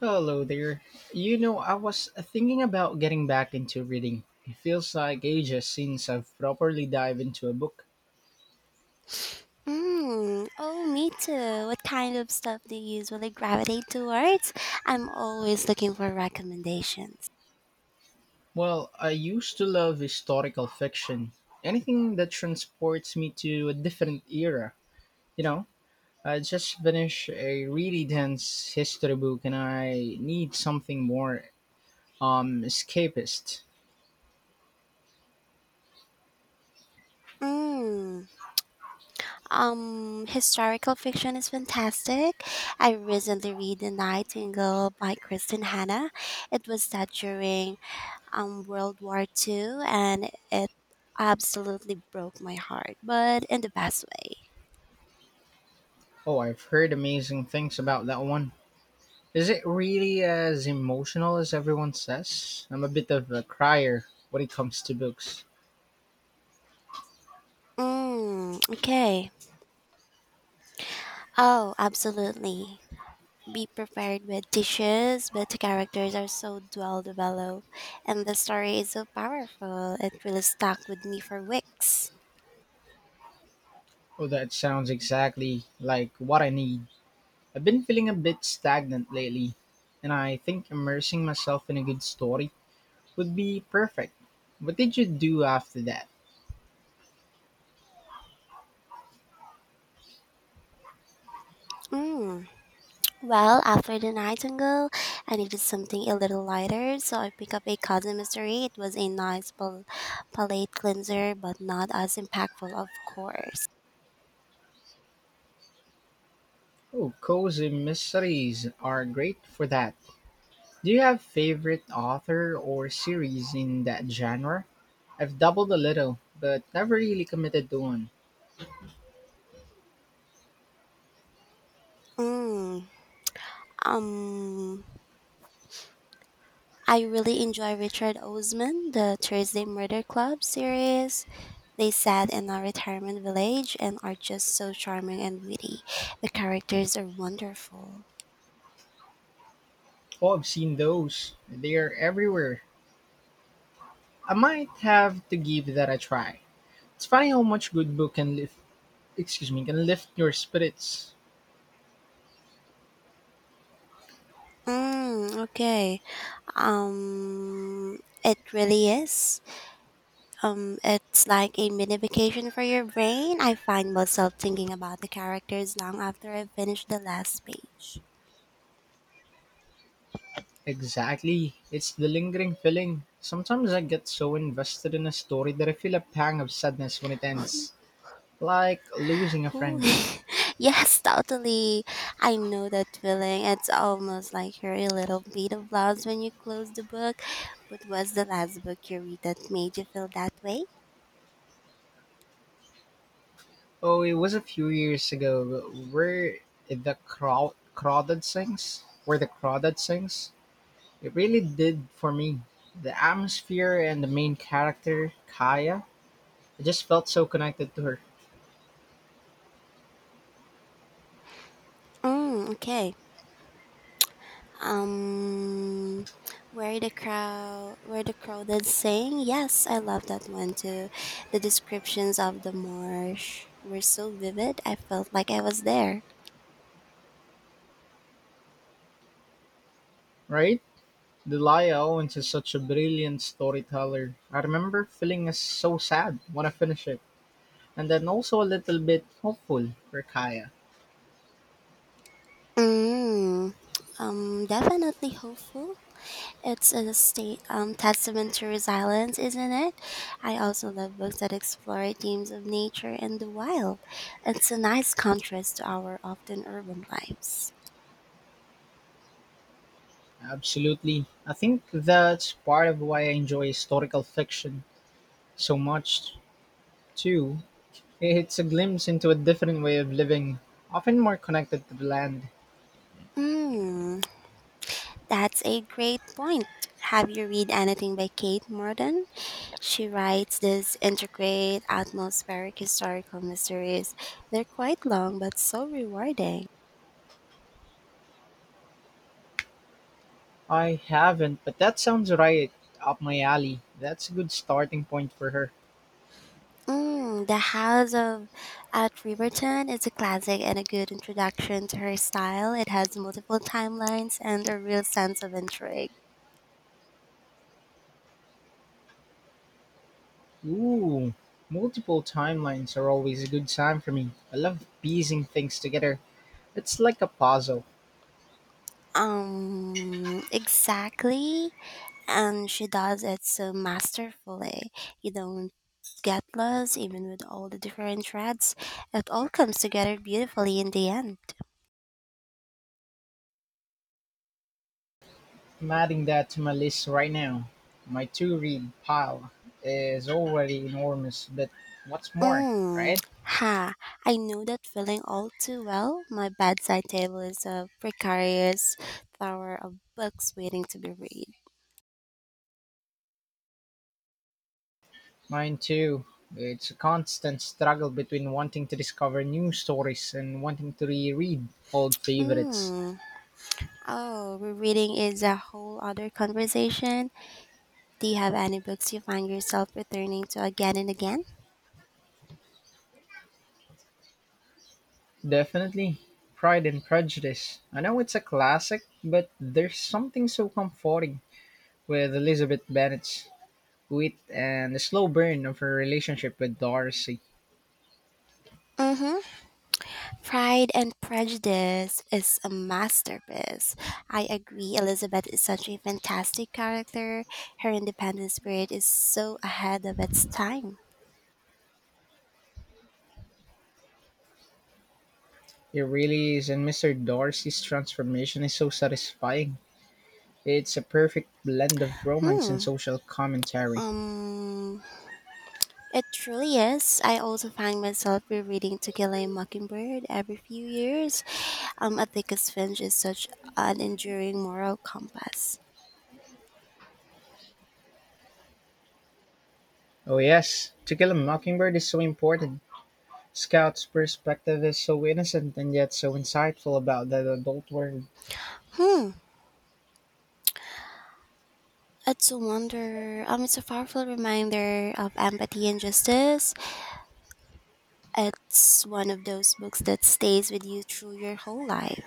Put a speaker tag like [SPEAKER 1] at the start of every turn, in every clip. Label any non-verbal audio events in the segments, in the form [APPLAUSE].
[SPEAKER 1] Hello there. You know, I was thinking about getting back into reading. It feels like ages since I've properly dived into a book.
[SPEAKER 2] Oh, me too. What kind of stuff do you usually gravitate towards? I'm always looking for recommendations.
[SPEAKER 1] Well, I used to love historical fiction, anything that transports me to a different era. You know, I just finished a really dense history book and I need something more escapist.
[SPEAKER 2] Mm, historical fiction is fantastic. I recently read The Nightingale by Kristen Hanna. It was set during World War II and it absolutely broke my heart, but in the best way.
[SPEAKER 1] Oh, I've heard amazing things about that one. Is it really as emotional as everyone says? I'm a bit of a crier when it comes to books.
[SPEAKER 2] Mm, okay. Oh, absolutely. Be prepared with dishes, but the characters are so well developed, and the story is so powerful. It really stuck with me for weeks.
[SPEAKER 1] Oh, that sounds exactly like what I need. I've been feeling a bit stagnant lately, and I think immersing myself in a good story would be perfect. What did you do after that?
[SPEAKER 2] Mm. Well, after the Nightingale, I needed something a little lighter, so I picked up a cousin mystery. It was a nice palate cleanser, but not as impactful, of course.
[SPEAKER 1] Oh, cozy mysteries are great for that. Do you have favorite author or series in that genre? I've dabbled a little, but never really committed to one.
[SPEAKER 2] Mm. Um, I really enjoy Richard Osman, the Thursday Murder Club series. They sat in a retirement village and are just so charming and witty. The characters are wonderful.
[SPEAKER 1] Oh, I've seen those. They are everywhere. I might have to give that a try. It's funny how much good book can lift can lift your spirits.
[SPEAKER 2] Okay. Um, it really is. It's like a mini vacation for your brain. I find myself thinking about the characters long after I finish the last page.
[SPEAKER 1] Exactly. It's the lingering feeling. Sometimes I get so invested in a story that I feel a pang of sadness when it ends. Like losing a
[SPEAKER 2] Cool.
[SPEAKER 1] friend.
[SPEAKER 2] [LAUGHS] Yes, totally. I know that feeling. It's almost like you're a little bit of loss when you close the book. But was the last book you read that made you feel that way?
[SPEAKER 1] Oh, it was a few years ago where the crowded sings. Where the crowded sings. It really did for me. The atmosphere and the main character, Kaya, I just felt so connected to her.
[SPEAKER 2] Okay. Um, where the crowd is saying, yes, I love that one too. The descriptions of the marsh were so vivid. I felt like I was there.
[SPEAKER 1] Right? Delia Owens is such a brilliant storyteller. I remember feeling so sad when I finished it, and then also a little bit hopeful for Kaya.
[SPEAKER 2] Mm, definitely hopeful. It's a state testament to resilience, isn't it? I also love books that explore themes of nature and the wild. It's a nice contrast to our often urban lives.
[SPEAKER 1] Absolutely. I think that's part of why I enjoy historical fiction so much, too. It's a glimpse into a different way of living, often more connected to the land.
[SPEAKER 2] Mm, that's a great point. Have you read anything by Kate Morton? She writes these intricate, atmospheric historical mysteries. They're quite long but so rewarding.
[SPEAKER 1] I haven't, but that sounds right up my alley. That's a good starting point for her.
[SPEAKER 2] The House of at Riverton is a classic and a good introduction to her style. It has multiple timelines and a real sense of intrigue.
[SPEAKER 1] Ooh, multiple timelines are always a good sign for me. I love piecing things together. It's like a puzzle.
[SPEAKER 2] Exactly. And she does it so masterfully. You don't get lost even with all the different threads. It all comes together beautifully in the end.
[SPEAKER 1] I'm adding that to my list right now. My to read pile is already enormous, but what's more,
[SPEAKER 2] Mm,
[SPEAKER 1] right?
[SPEAKER 2] ha, I know that feeling all too well. My bedside table is a precarious tower of books waiting to be read.
[SPEAKER 1] Mine too. It's a constant struggle between wanting to discover new stories and wanting to reread old favorites.
[SPEAKER 2] Mm. Oh, rereading is a whole other conversation. Do you have any books you find yourself returning to again and again?
[SPEAKER 1] Definitely. Pride and Prejudice. I know it's a classic, but there's something so comforting with Elizabeth Bennet's wit and the slow burn of her relationship with Darcy.
[SPEAKER 2] Mm-hmm. Pride and Prejudice is a masterpiece. I agree, Elizabeth is such a fantastic character. Her independent spirit is so ahead of its time.
[SPEAKER 1] It really is, and Mr. Darcy's transformation is so satisfying. It's a perfect blend of romance and
[SPEAKER 2] Hmm.
[SPEAKER 1] social commentary.
[SPEAKER 2] Um, it truly is. I also find myself rereading To Kill a Mockingbird every few years. I think its Finch is such an enduring moral compass.
[SPEAKER 1] Oh, yes, To Kill a Mockingbird is so important. Scout's perspective is so innocent and yet so insightful about the adult world.
[SPEAKER 2] Hmm. It's a wonder. It's a powerful reminder of empathy and justice. It's one of those books that stays with you through your whole life.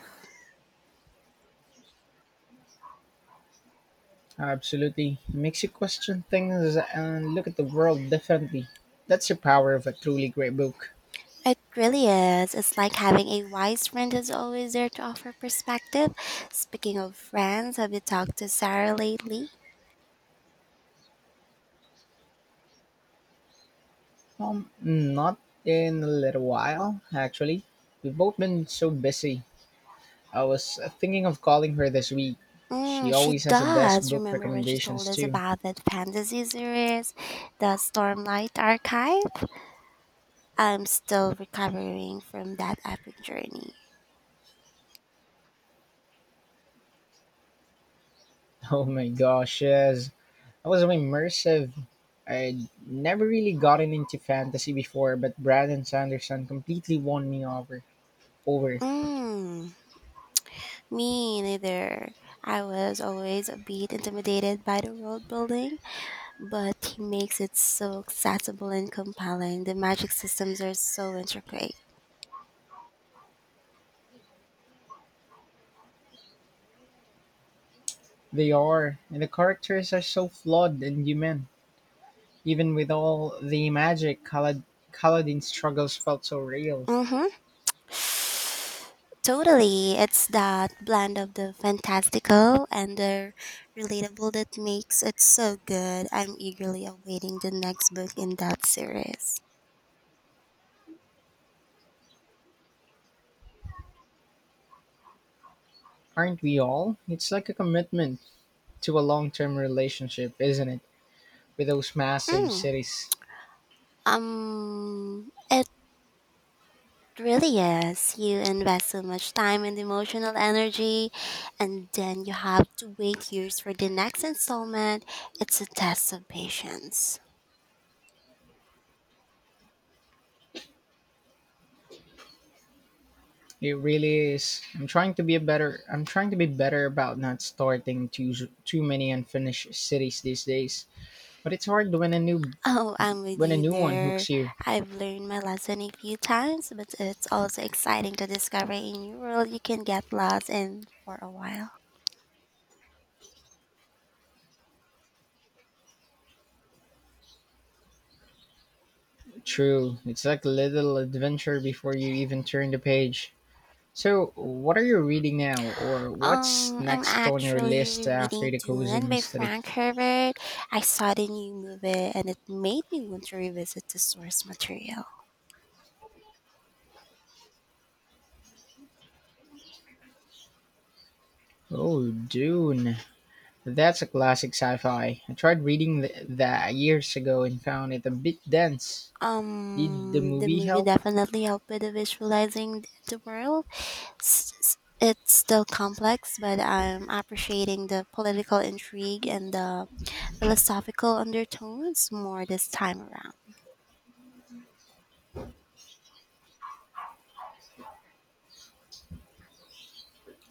[SPEAKER 1] Absolutely. Makes you question things and look at the world differently. That's the power of a truly great book.
[SPEAKER 2] It really is. It's like having a wise friend who's always there to offer perspective. Speaking of friends, have you talked to Sarah lately?
[SPEAKER 1] Not in a little while, actually. We've both been so busy. I was thinking of calling her this week. She
[SPEAKER 2] She
[SPEAKER 1] always has the best
[SPEAKER 2] does.
[SPEAKER 1] book
[SPEAKER 2] Remember when she told
[SPEAKER 1] recommendations,
[SPEAKER 2] us
[SPEAKER 1] too.
[SPEAKER 2] about
[SPEAKER 1] [LAUGHS]
[SPEAKER 2] that fantasy series, the Stormlight Archive? I'm still recovering from that epic journey.
[SPEAKER 1] Oh my gosh, yes. I was so immersive. I'd never really gotten into fantasy before, but Brandon Sanderson completely won me over. Over.
[SPEAKER 2] Mm, me neither. I was always a bit intimidated by the world building, but he makes it so accessible and compelling. The magic systems are so intricate.
[SPEAKER 1] They are, and the characters are so flawed and human, even with all the magic Kaladin struggles felt so real.
[SPEAKER 2] Mm-hmm. Totally. It's that blend of the fantastical and the relatable that makes it so good. I'm eagerly awaiting the next book in that series.
[SPEAKER 1] Aren't we all? It's like a commitment to a long-term relationship, isn't it? With those massive
[SPEAKER 2] Mm,
[SPEAKER 1] cities.
[SPEAKER 2] um, it really is. You invest so much time and emotional energy, and then you have to wait years for the next installment. It's a test of patience.
[SPEAKER 1] It really is. I'm trying to be better about not starting too many unfinished cities these days. But it's hard when a new
[SPEAKER 2] Oh, I'm with
[SPEAKER 1] When a
[SPEAKER 2] you
[SPEAKER 1] new one hooks
[SPEAKER 2] there.
[SPEAKER 1] you.
[SPEAKER 2] I've learned my lesson a few times, but it's also exciting to discover a new world you can get lost in for a while.
[SPEAKER 1] True. It's like a little adventure before you even turn the page. So, what are you reading now, or what's
[SPEAKER 2] I'm
[SPEAKER 1] next on your
[SPEAKER 2] actually
[SPEAKER 1] list after
[SPEAKER 2] rereading
[SPEAKER 1] the cozy
[SPEAKER 2] Dune by
[SPEAKER 1] mystery?
[SPEAKER 2] Frank Herbert. I saw the new movie and it made me want to revisit the source material.
[SPEAKER 1] Oh, Dune. That's a classic sci fi. I tried reading that years ago and found it a bit dense. Did the
[SPEAKER 2] The
[SPEAKER 1] movie
[SPEAKER 2] movie
[SPEAKER 1] help?
[SPEAKER 2] definitely helped with the visualizing the world. S- s- It's still complex, but I'm appreciating the political intrigue and the philosophical undertones more this time around.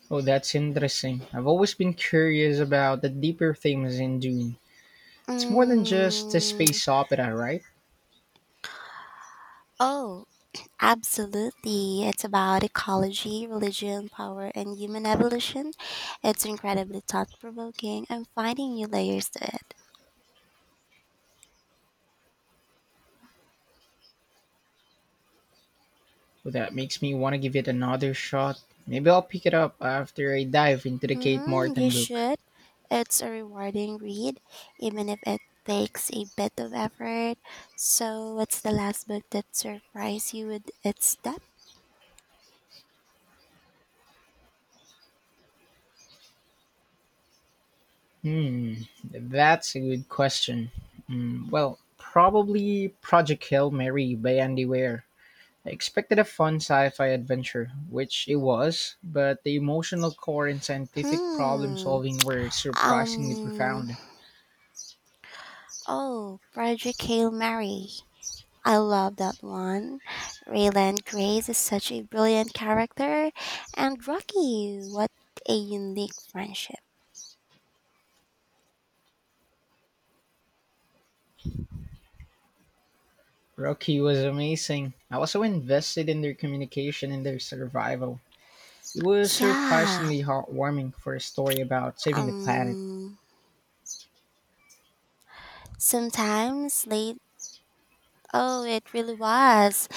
[SPEAKER 1] Oh, that's interesting. I've always been curious about the deeper themes in Dune. It's more than just a
[SPEAKER 2] Mm,
[SPEAKER 1] space opera, right?
[SPEAKER 2] oh, absolutely. It's about ecology, religion, power, and human evolution. It's incredibly thought provoking. I'm finding new layers to it.
[SPEAKER 1] Well, that makes me want to give it another shot. Maybe I'll pick it up after I dive into the Kate
[SPEAKER 2] Mm-hmm, you
[SPEAKER 1] Martin book.
[SPEAKER 2] should. It's a rewarding read, even if it takes a bit of effort. So, what's the last book that surprised you with its depth?
[SPEAKER 1] Hmm, that's a good question. Well, probably Project Hail Mary by Andy Weir. I expected a fun sci fi adventure, which it was, but the emotional core and scientific problem
[SPEAKER 2] Hmm.
[SPEAKER 1] solving were surprisingly
[SPEAKER 2] Um.
[SPEAKER 1] profound.
[SPEAKER 2] Oh, Frederick Hail Mary. I love that one. Raylan Grace is such a brilliant character. And Rocky, what a unique friendship.
[SPEAKER 1] Rocky was amazing. I was so invested in their communication and their survival. It was
[SPEAKER 2] Yeah.
[SPEAKER 1] surprisingly heartwarming for a story about saving the planet.
[SPEAKER 2] Um sometimes late oh it really was.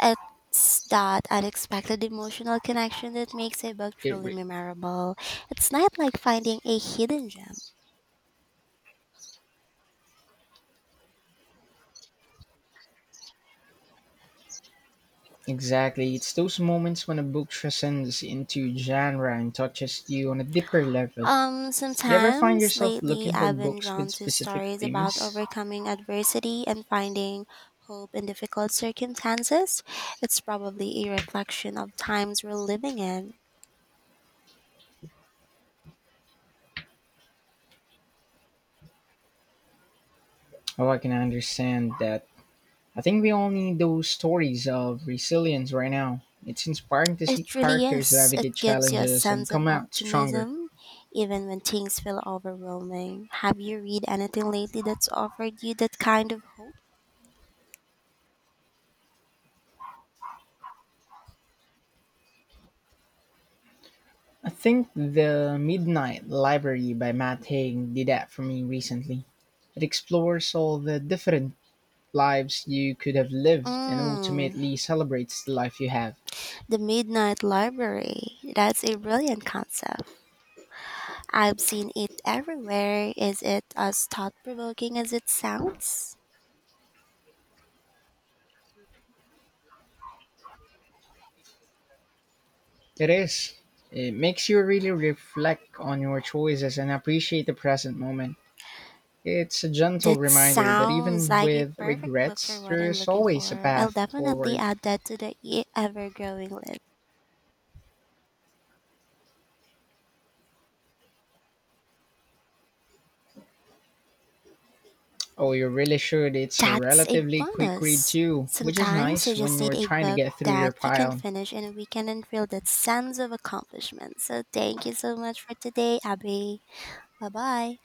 [SPEAKER 2] It's that unexpected emotional connection that makes a book
[SPEAKER 1] It,
[SPEAKER 2] truly
[SPEAKER 1] re-
[SPEAKER 2] memorable. It's not like finding a hidden gem.
[SPEAKER 1] Exactly. It's those moments when a book transcends into genre and touches you on a deeper level. You ever find
[SPEAKER 2] Sometimes
[SPEAKER 1] yourself
[SPEAKER 2] lately
[SPEAKER 1] looking for
[SPEAKER 2] I've been
[SPEAKER 1] books with
[SPEAKER 2] drawn to
[SPEAKER 1] specific
[SPEAKER 2] stories about
[SPEAKER 1] themes?
[SPEAKER 2] overcoming adversity and finding hope in difficult circumstances. It's probably a reflection of times we're living in.
[SPEAKER 1] Oh, I can understand that. I think we all need those stories of resilience right now. It's inspiring to see
[SPEAKER 2] It really
[SPEAKER 1] characters
[SPEAKER 2] is. It
[SPEAKER 1] navigate
[SPEAKER 2] gives you a
[SPEAKER 1] challenges and
[SPEAKER 2] sense of
[SPEAKER 1] come out stronger.
[SPEAKER 2] optimism even when things feel overwhelming. Have you read anything lately that's offered you that kind of hope?
[SPEAKER 1] I think The Midnight Library by Matt Haig did that for me recently. It explores all the different lives you could have lived and
[SPEAKER 2] Mm,
[SPEAKER 1] ultimately celebrates the life you have.
[SPEAKER 2] the Midnight Library. That's a brilliant concept. I've seen it everywhere. Is it as thought provoking as it sounds?
[SPEAKER 1] It is. It makes you really reflect on your choices and appreciate the present moment. It's a gentle
[SPEAKER 2] That
[SPEAKER 1] reminder that
[SPEAKER 2] sounds
[SPEAKER 1] even
[SPEAKER 2] like a
[SPEAKER 1] with
[SPEAKER 2] perfect book for
[SPEAKER 1] regrets,
[SPEAKER 2] what I'm
[SPEAKER 1] there's
[SPEAKER 2] looking
[SPEAKER 1] always a
[SPEAKER 2] for. I'll
[SPEAKER 1] path
[SPEAKER 2] definitely
[SPEAKER 1] forward.
[SPEAKER 2] add that to the ever growing list.
[SPEAKER 1] Oh, you really should. It's a
[SPEAKER 2] That's a
[SPEAKER 1] relatively quick read,
[SPEAKER 2] bonus.
[SPEAKER 1] too, which is
[SPEAKER 2] Sometimes you
[SPEAKER 1] nice when
[SPEAKER 2] just need
[SPEAKER 1] you're
[SPEAKER 2] a
[SPEAKER 1] trying to
[SPEAKER 2] book
[SPEAKER 1] get through your
[SPEAKER 2] that you can
[SPEAKER 1] pile.
[SPEAKER 2] finish in a weekend and feel that sense of accomplishment. So thank you so much for today, Abby. Bye bye.